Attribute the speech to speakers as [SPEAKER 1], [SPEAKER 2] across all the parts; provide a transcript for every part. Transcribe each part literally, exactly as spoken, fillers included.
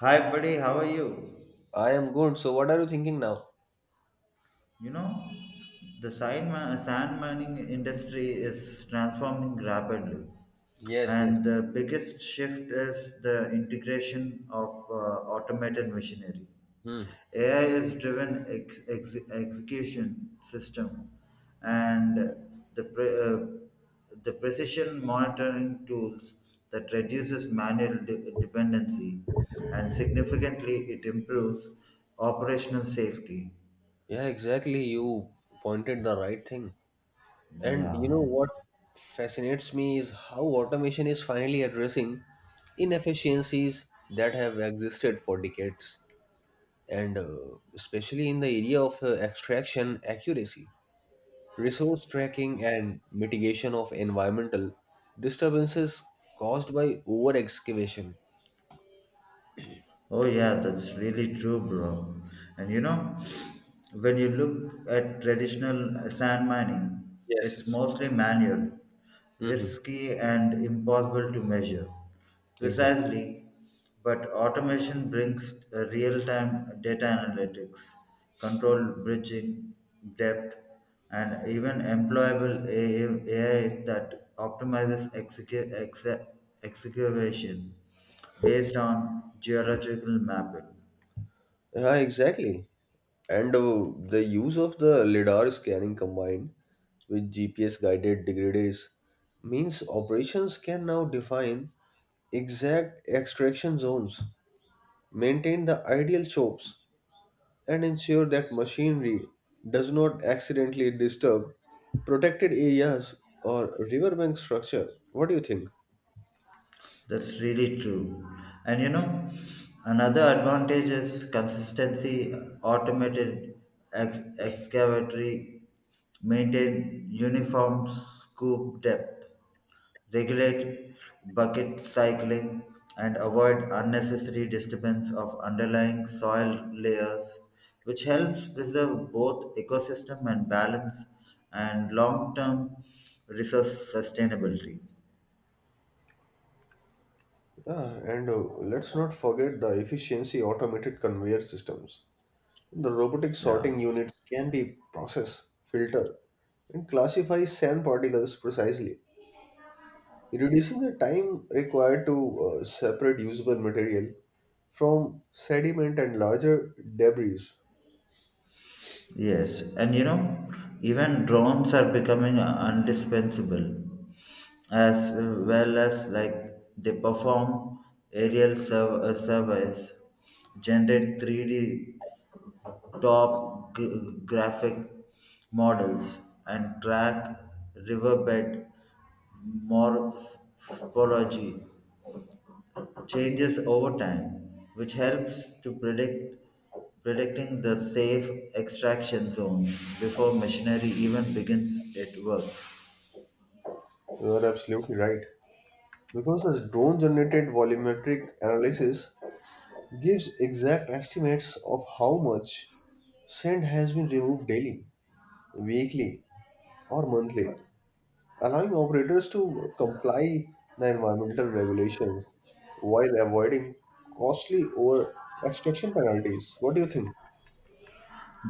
[SPEAKER 1] Hi, buddy. How are you?
[SPEAKER 2] I am good. So, what are you thinking now?
[SPEAKER 1] You know, the sand, ma- sand mining industry is transforming rapidly,
[SPEAKER 2] Yes, yes.
[SPEAKER 1] and the biggest shift is the integration of uh, automated machinery.
[SPEAKER 2] Hmm.
[SPEAKER 1] A I is driven ex- ex- execution system and the, pre- uh, the precision monitoring tools that reduces manual de- dependency and significantly it improves operational safety.
[SPEAKER 2] Yeah, exactly. You pointed the right thing. And you
[SPEAKER 1] Yeah.
[SPEAKER 2] know what fascinates me is how automation is finally addressing inefficiencies that have existed for decades, and uh, especially in the area of uh, extraction accuracy, resource tracking, and mitigation of environmental disturbances caused by over excavation.
[SPEAKER 1] Oh yeah, that's really true, bro. And you know, when you look at traditional sand mining,
[SPEAKER 2] Yes,
[SPEAKER 1] it's
[SPEAKER 2] yes.
[SPEAKER 1] mostly manual,
[SPEAKER 2] Mm-hmm.
[SPEAKER 1] risky and impossible to measure.
[SPEAKER 2] Exactly.
[SPEAKER 1] Precisely, but automation brings real-time data analytics, controlled bridging, depth, and even employable A I that optimizes execu- exe- excavation based on geological mapping.
[SPEAKER 2] Yeah, exactly. And uh, the use of the LIDAR scanning combined with G P S guided degraders means operations can now define exact extraction zones, maintain the ideal chokes, and ensure that machinery does not accidentally disturb protected areas or riverbank structure. What do you think?
[SPEAKER 1] That's really true. And you know, another advantage is consistency. Automated ex- excavatory maintain uniform scoop depth, regulate bucket cycling, and avoid unnecessary disturbance of underlying soil layers, which helps preserve both ecosystem and balance and long term resource sustainability.
[SPEAKER 2] Ah, and uh, let's not forget the efficiency automated conveyor systems. The robotic sorting
[SPEAKER 1] Yeah.
[SPEAKER 2] units can be process, filter, and classify sand particles precisely, reducing the time required to uh, separate usable material from sediment and larger debris.
[SPEAKER 1] Yes, and you know, even drones are becoming indispensable, as well as like they perform aerial sur- uh, surveys, generate three D top gr- graphic models and track riverbed morphology changes over time, which helps to predict predicting the safe extraction zone before machinery even begins its work.
[SPEAKER 2] You are absolutely right. Because the drone generated volumetric analysis gives exact estimates of how much sand has been removed daily, weekly, or monthly, allowing operators to comply the environmental regulations while avoiding costly over extraction penalties. What do you think?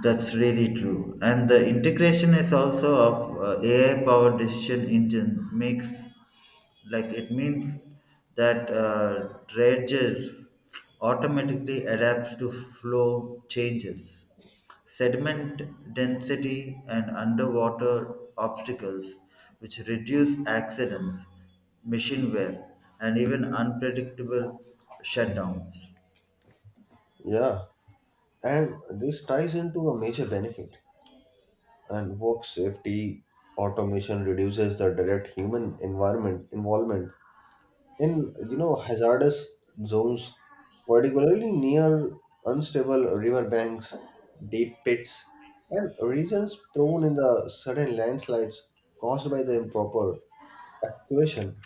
[SPEAKER 1] That's really true. And the integration is also of uh, A I powered decision engine makes like it means that uh, dredges automatically adapts to flow changes, sediment density, and underwater obstacles, which reduce accidents, machine wear, and even unpredictable shutdowns.
[SPEAKER 2] Yeah, and this ties into a major benefit. And work safety automation reduces the direct human environment involvement in you know hazardous zones, particularly near unstable river banks, deep pits, and regions prone in the sudden landslides caused by the improper evacuation.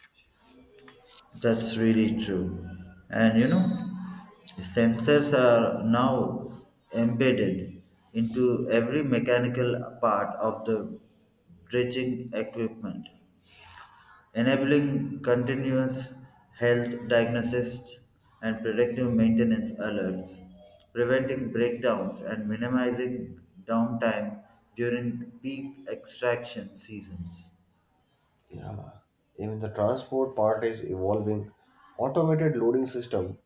[SPEAKER 1] That's really true. And you know, sensors are now embedded into every mechanical part of the dredging equipment, enabling continuous health diagnosis and predictive maintenance alerts, preventing breakdowns and minimizing downtime during peak extraction seasons.
[SPEAKER 2] Yeah. Even the transport part is evolving. Automated loading system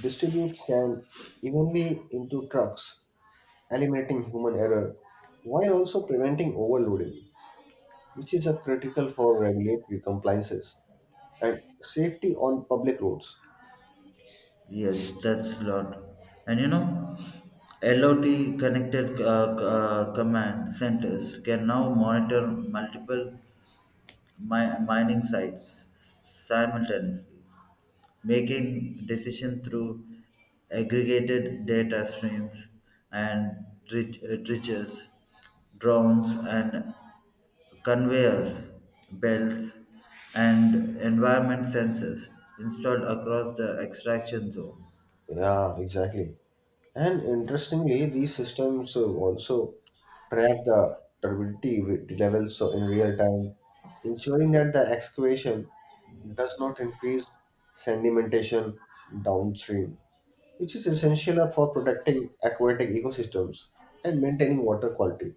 [SPEAKER 2] distributes sand evenly into trucks, eliminating human error while also preventing overloading, which is a critical for regulatory compliances and safety on public roads.
[SPEAKER 1] Yes, that's lot. And you know, L O T connected uh, c- uh, command centers can now monitor multiple mi- mining sites simultaneously, making decision through aggregated data streams and trig- uh, triggers, drones, and conveyors, belts, and environment sensors installed across the extraction zone.
[SPEAKER 2] Yeah, exactly. And interestingly, these systems uh, also track the turbidity wi- levels so in real time, ensuring that the excavation does not increase sedimentation downstream, which is essential for protecting aquatic ecosystems and maintaining water quality.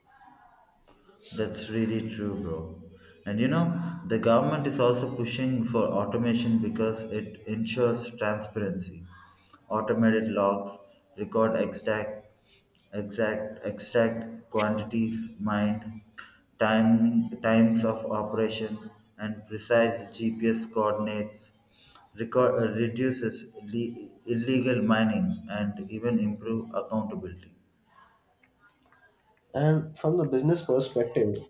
[SPEAKER 1] That's really true, bro. And you know, the government is also pushing for automation because it ensures transparency. Automated logs record exact, exact, exact quantities mined, timing, times of operation, and precise G P S coordinates. Record, uh, reduces le- illegal mining and even improve accountability.
[SPEAKER 2] And from the business perspective,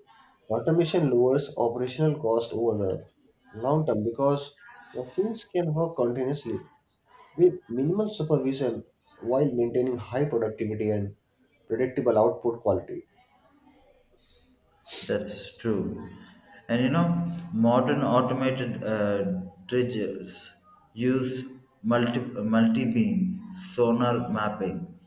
[SPEAKER 2] automation lowers operational cost over the long term because machines can work continuously with minimal supervision while maintaining high productivity and predictable output quality.
[SPEAKER 1] That's true. And you know, modern automated uh, dredgers use multi multi beam sonar mapping,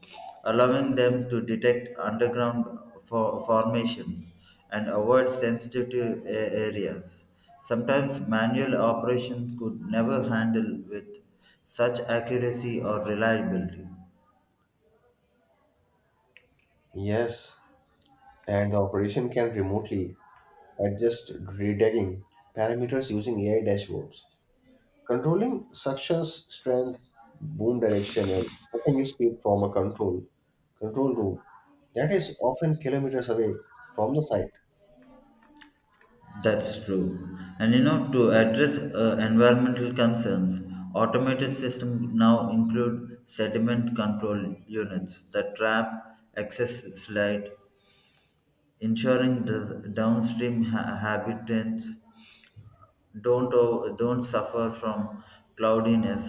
[SPEAKER 1] allowing them to detect underground for formations and avoid sensitive a- areas. Sometimes manual operations could never handle with such accuracy or reliability.
[SPEAKER 2] Yes, and the operation can remotely adjust redegging parameters using A I dashboards. Controlling suction's strength, boom direction, and cutting speed from a control control room that is often kilometers away from the site.
[SPEAKER 1] That's true. And you know, to address uh, environmental concerns, automated systems now include sediment control units that trap excess light, ensuring the downstream ha- habitants don't o- don't suffer from cloudiness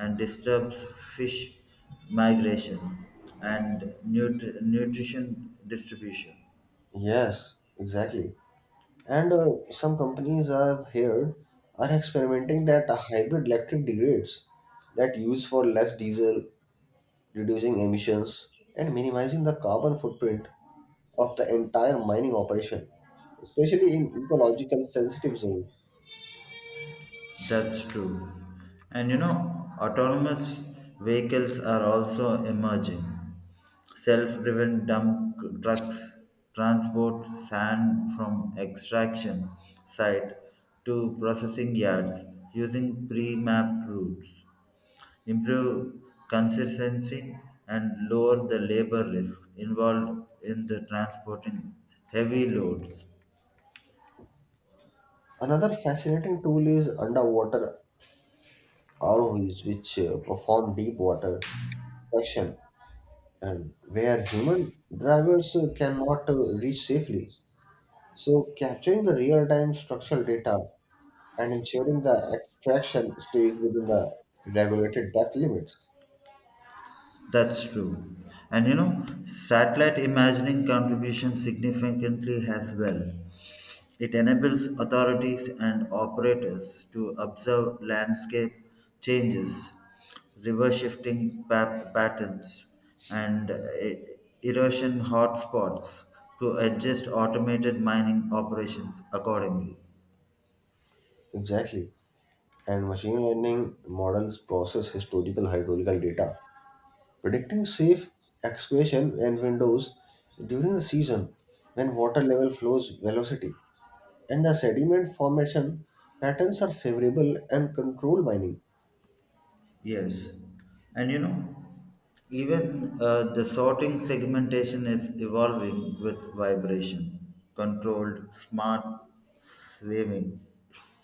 [SPEAKER 1] and disturbs fish migration and nut- nutrition distribution.
[SPEAKER 2] Yes, exactly. And uh, some companies I've heard are experimenting that a hybrid electric degrades that use for less diesel, reducing emissions and minimizing the carbon footprint of the entire mining operation, especially in ecological sensitive zones.
[SPEAKER 1] That's true. And you know, autonomous vehicles are also emerging. Self driven dump trucks transport sand from extraction site to processing yards using pre mapped routes, improve consistency, and lower the labor risks involved in the transporting heavy loads.
[SPEAKER 2] Another fascinating tool is underwater R O Vs, which uh, perform deep water action and where human drivers uh, cannot uh, reach safely. So, capturing the real time structural data and ensuring the extraction stays within the regulated depth limits.
[SPEAKER 1] That's true. And you know, satellite imagining contribution significantly as well. It enables authorities and operators to observe landscape changes, river shifting pa- patterns, and uh, e- erosion hotspots to adjust automated mining operations accordingly.
[SPEAKER 2] Exactly. And machine learning models process historical hydraulical data, predicting safe excavation and windows during the season when water level flows velocity and the sediment formation patterns are favorable and control mining.
[SPEAKER 1] Yes, and you know, even uh, the sorting segmentation is evolving with vibration controlled smart slaving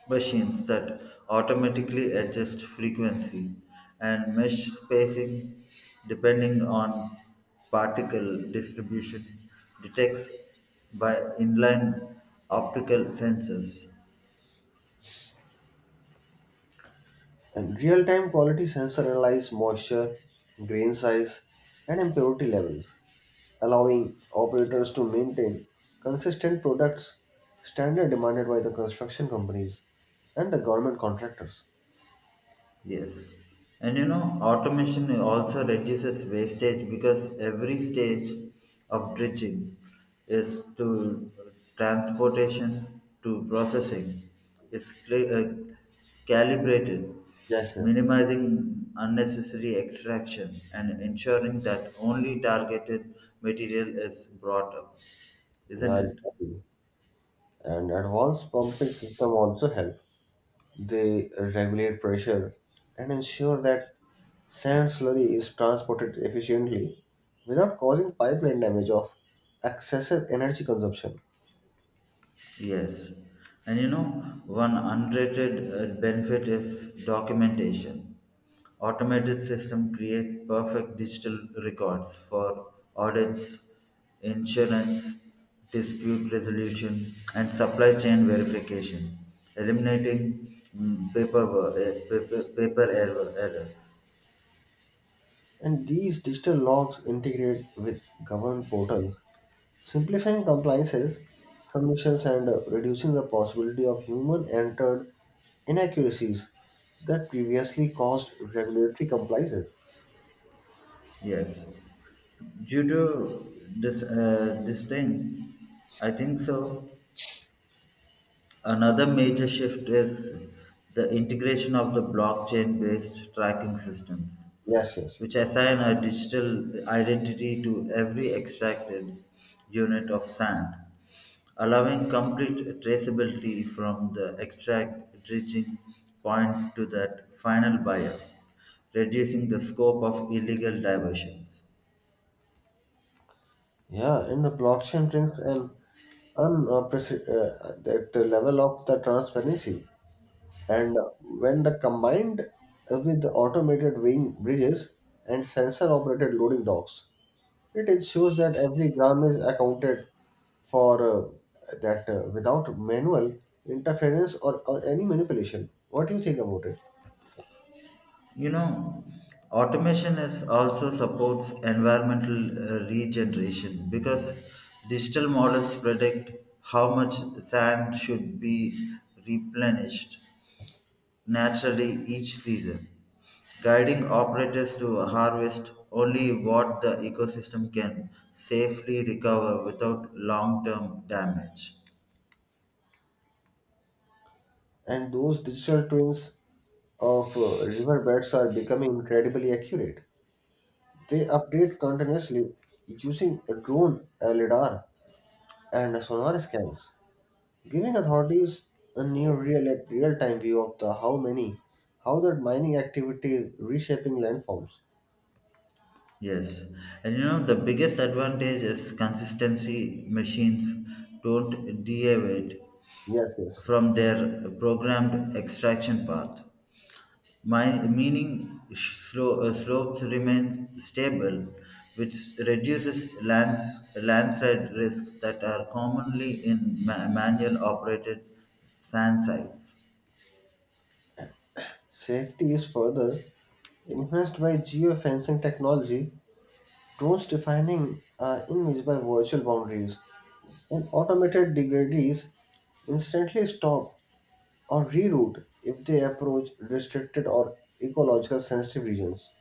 [SPEAKER 1] machines that automatically adjust frequency and mesh spacing depending on particle distribution detects by inline optical sensors.
[SPEAKER 2] And real-time quality sensor analyze moisture, grain size, and impurity levels, allowing operators to maintain consistent products standard demanded by the construction companies and the government contractors.
[SPEAKER 1] Yes. And you know, automation also reduces wastage because every stage of dredging is to transportation to processing is cli- uh, calibrated,
[SPEAKER 2] Yes, yes, yes.
[SPEAKER 1] minimizing unnecessary extraction and ensuring that only targeted material is brought up, isn't
[SPEAKER 2] Yeah,
[SPEAKER 1] it?
[SPEAKER 2] exactly. And advanced pumping system also help. They regulate pressure and ensure that sand slurry is transported efficiently without causing pipeline damage of excessive energy consumption.
[SPEAKER 1] Yes, and you know, one underrated uh, benefit is documentation. Automated system create perfect digital records for audits, insurance, dispute resolution, and supply chain verification, eliminating mm, paperwork, eh, paper, paper error, errors.
[SPEAKER 2] And these digital logs integrate with government portals, simplifying compliances, submissions, and uh, reducing the possibility of human entered inaccuracies that previously caused regulatory compliances.
[SPEAKER 1] Yes, due to this uh, this thing, I think so. Another major shift is the integration of the blockchain based tracking systems,
[SPEAKER 2] Yes, yes, yes.
[SPEAKER 1] which assign a digital identity to every extracted unit of sand, allowing complete traceability from the extract reaching point to that final buyer, reducing the scope of illegal diversions.
[SPEAKER 2] Yeah, and the blockchain brings an unprecedented uh, that the level of the transparency. And when the combined with the automated weighing bridges and sensor operated loading docks, it ensures that every gram is accounted for uh, that uh, without manual interference or, or any manipulation. What do you think about it?
[SPEAKER 1] You know, automation is also supports environmental uh, regeneration because digital models predict how much sand should be replenished naturally each season, guiding operators to harvest only what the ecosystem can safely recover without long-term damage.
[SPEAKER 2] And those digital twins of uh, riverbeds are becoming incredibly accurate. They update continuously using a drone, a lidar, and sonar scans, giving authorities a near real real-time view of the how many how that mining activity is reshaping landforms.
[SPEAKER 1] Yes, and you know the biggest advantage is consistency. Machines don't deviate
[SPEAKER 2] Yes, yes.
[SPEAKER 1] from their programmed extraction path. My, meaning sh- slo- uh, Slopes remain stable, which reduces lands, landslide risks that are commonly in ma- manual operated sand sites.
[SPEAKER 2] Safety is further enhanced by geofencing technology, drones defining uh, invisible virtual boundaries, and automated degradees instantly stop or reroute if they approach restricted or ecological sensitive regions.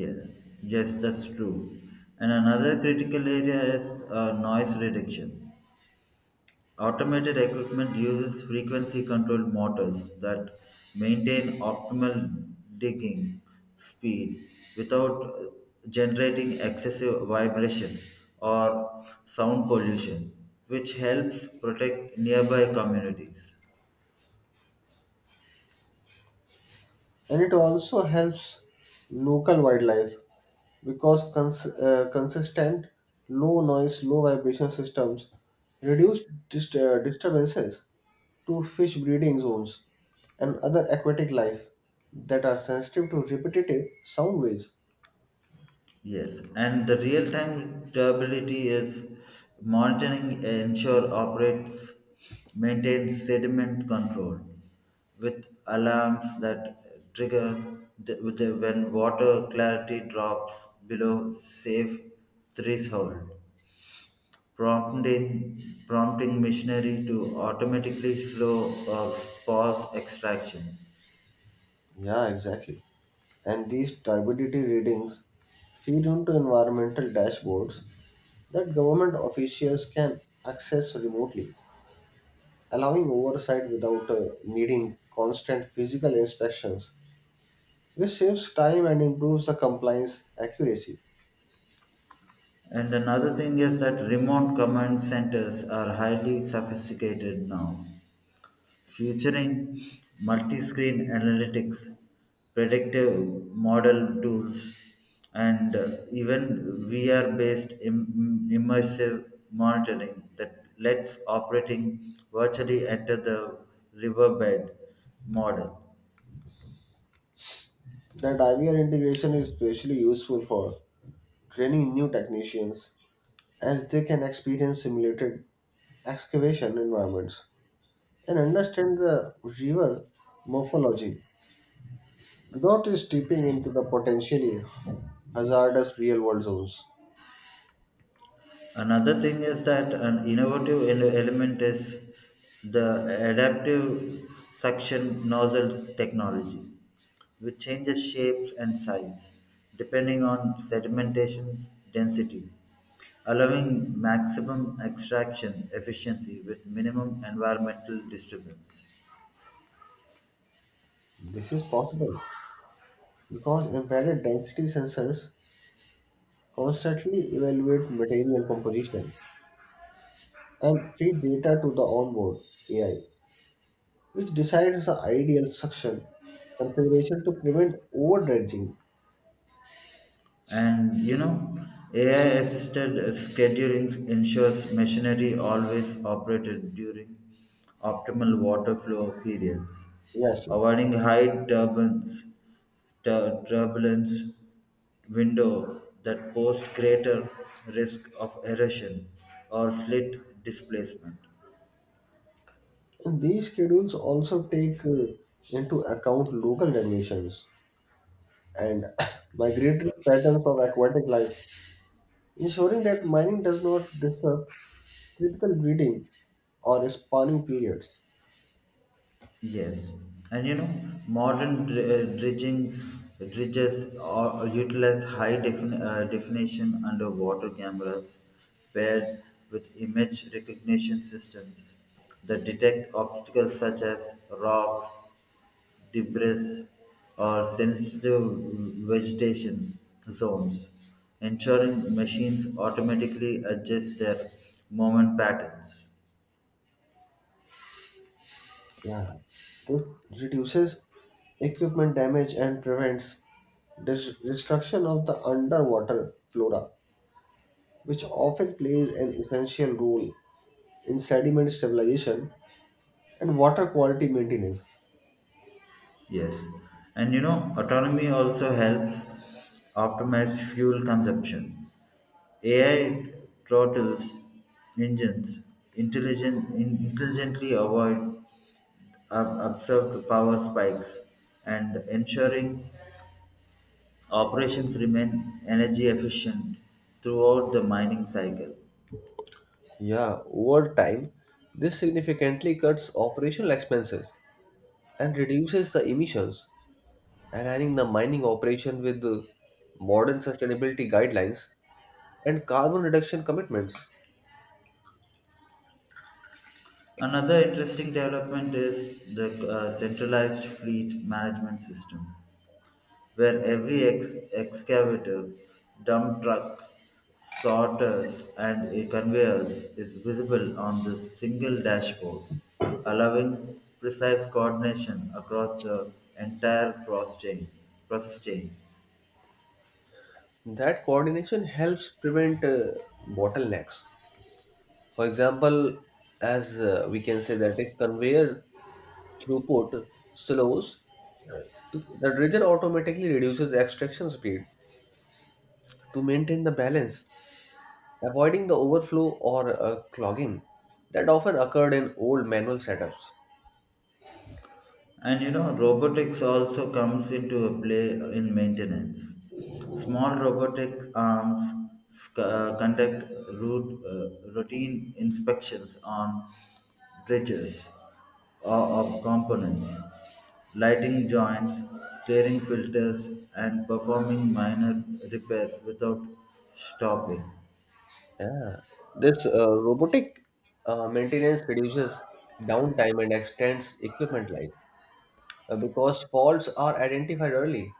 [SPEAKER 1] Yeah. Yes, that's true. And another critical area is uh, noise reduction. Automated equipment uses frequency controlled motors that maintain optimal digging speed without uh, generating excessive vibration or sound pollution, which helps protect nearby communities.
[SPEAKER 2] And it also helps local wildlife because cons- uh, consistent low noise low vibration systems reduce dist- uh, disturbances to fish breeding zones and other aquatic life that are sensitive to repetitive sound waves.
[SPEAKER 1] Yes, and the real-time durability is monitoring ensure operates maintains sediment control with alarms that trigger the, with the, when water clarity drops below safe threshold, prompting prompting machinery to automatically slow or pause extraction.
[SPEAKER 2] Yeah, exactly. And these turbidity readings feed into environmental dashboards that government officials can access remotely, allowing oversight without uh, needing constant physical inspections, which saves time and improves the compliance accuracy.
[SPEAKER 1] And another thing is that remote command centers are highly sophisticated now featuring multi-screen analytics, predictive model tools, and uh, even V R-based Im- immersive monitoring that lets operating virtually enter the riverbed model.
[SPEAKER 2] The I V R integration is especially useful for training new technicians as they can experience simulated excavation environments and understand the river morphology without stepping into the potentially hazardous real world zones.
[SPEAKER 1] Another thing is that an innovative ele- element is the adaptive suction nozzle technology, which changes shapes and size depending on sedimentation's density, allowing maximum extraction efficiency with minimum environmental disturbance.
[SPEAKER 2] This is possible because embedded density sensors constantly evaluate material composition and feed data to the onboard A I, which decides the ideal suction configuration to prevent overdredging
[SPEAKER 1] And you know, A I assisted scheduling ensures machinery always operated during optimal water flow periods,
[SPEAKER 2] disasters.
[SPEAKER 1] avoiding high turbulence, tur- turbulence window that pose greater risk of erosion or slit displacement.
[SPEAKER 2] And these schedules also take uh, into account local regulations and migratory patterns of aquatic life, ensuring that mining does not disrupt critical breeding or spawning periods.
[SPEAKER 1] Yes, and you know, modern dr- uh, dredgings, dredges or or utilize high defin- uh, definition underwater cameras paired with image recognition systems that detect obstacles such as rocks, debris, or sensitive vegetation zones, ensuring machines automatically adjust their movement patterns.
[SPEAKER 2] Yeah. This reduces equipment damage and prevents dis- destruction of the underwater flora, which often plays an essential role in sediment stabilization and water quality maintenance.
[SPEAKER 1] Yes, and you know, autonomy also helps optimize fuel consumption. A I throttles engines intelligent, in- intelligently avoid ob- observed power spikes and ensuring operations remain energy efficient throughout the mining cycle.
[SPEAKER 2] Yeah, over time, this significantly cuts operational expenses and reduces the emissions, aligning the mining operation with the modern sustainability guidelines and carbon reduction commitments.
[SPEAKER 1] Another interesting development is the uh, centralized fleet management system, where every ex- excavator, dump truck, sorters, and a conveyors is visible on the single dashboard, allowing precise coordination across the entire process chain. Process chain.
[SPEAKER 2] That coordination helps prevent uh, bottlenecks. For example, as uh, we can say that if conveyor throughput slows, the dredger automatically reduces extraction speed to maintain the balance, avoiding the overflow or uh, clogging that often occurred in old manual setups.
[SPEAKER 1] And you know, robotics also comes into a play in maintenance. Small robotic arms sc- uh, conduct root, uh, routine inspections on bridges or of components, lighting joints, tearing filters, and performing minor repairs without stopping.
[SPEAKER 2] Yeah. This uh, robotic uh, maintenance reduces downtime and extends equipment life uh, because faults are identified early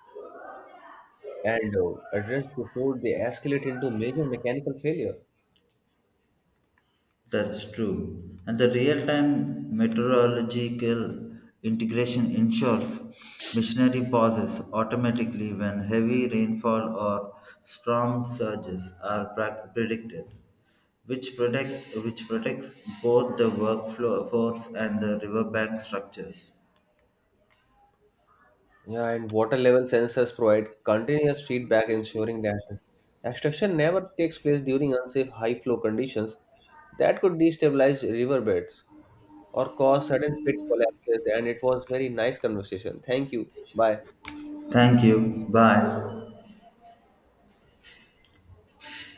[SPEAKER 2] and uh, addressed before they escalate into major mechanical failure.
[SPEAKER 1] That's true. And the real time meteorological integration ensures missionary pauses automatically when heavy rainfall or storm surges are pra- predicted, which, protect, which protects both the workforce and the riverbank structures.
[SPEAKER 2] Yeah, and water level sensors provide continuous feedback, ensuring that extraction never takes place during unsafe high flow conditions that could destabilize riverbeds or cause sudden pit collapses. And it was very nice conversation. Thank you. Bye.
[SPEAKER 1] Thank you. Bye.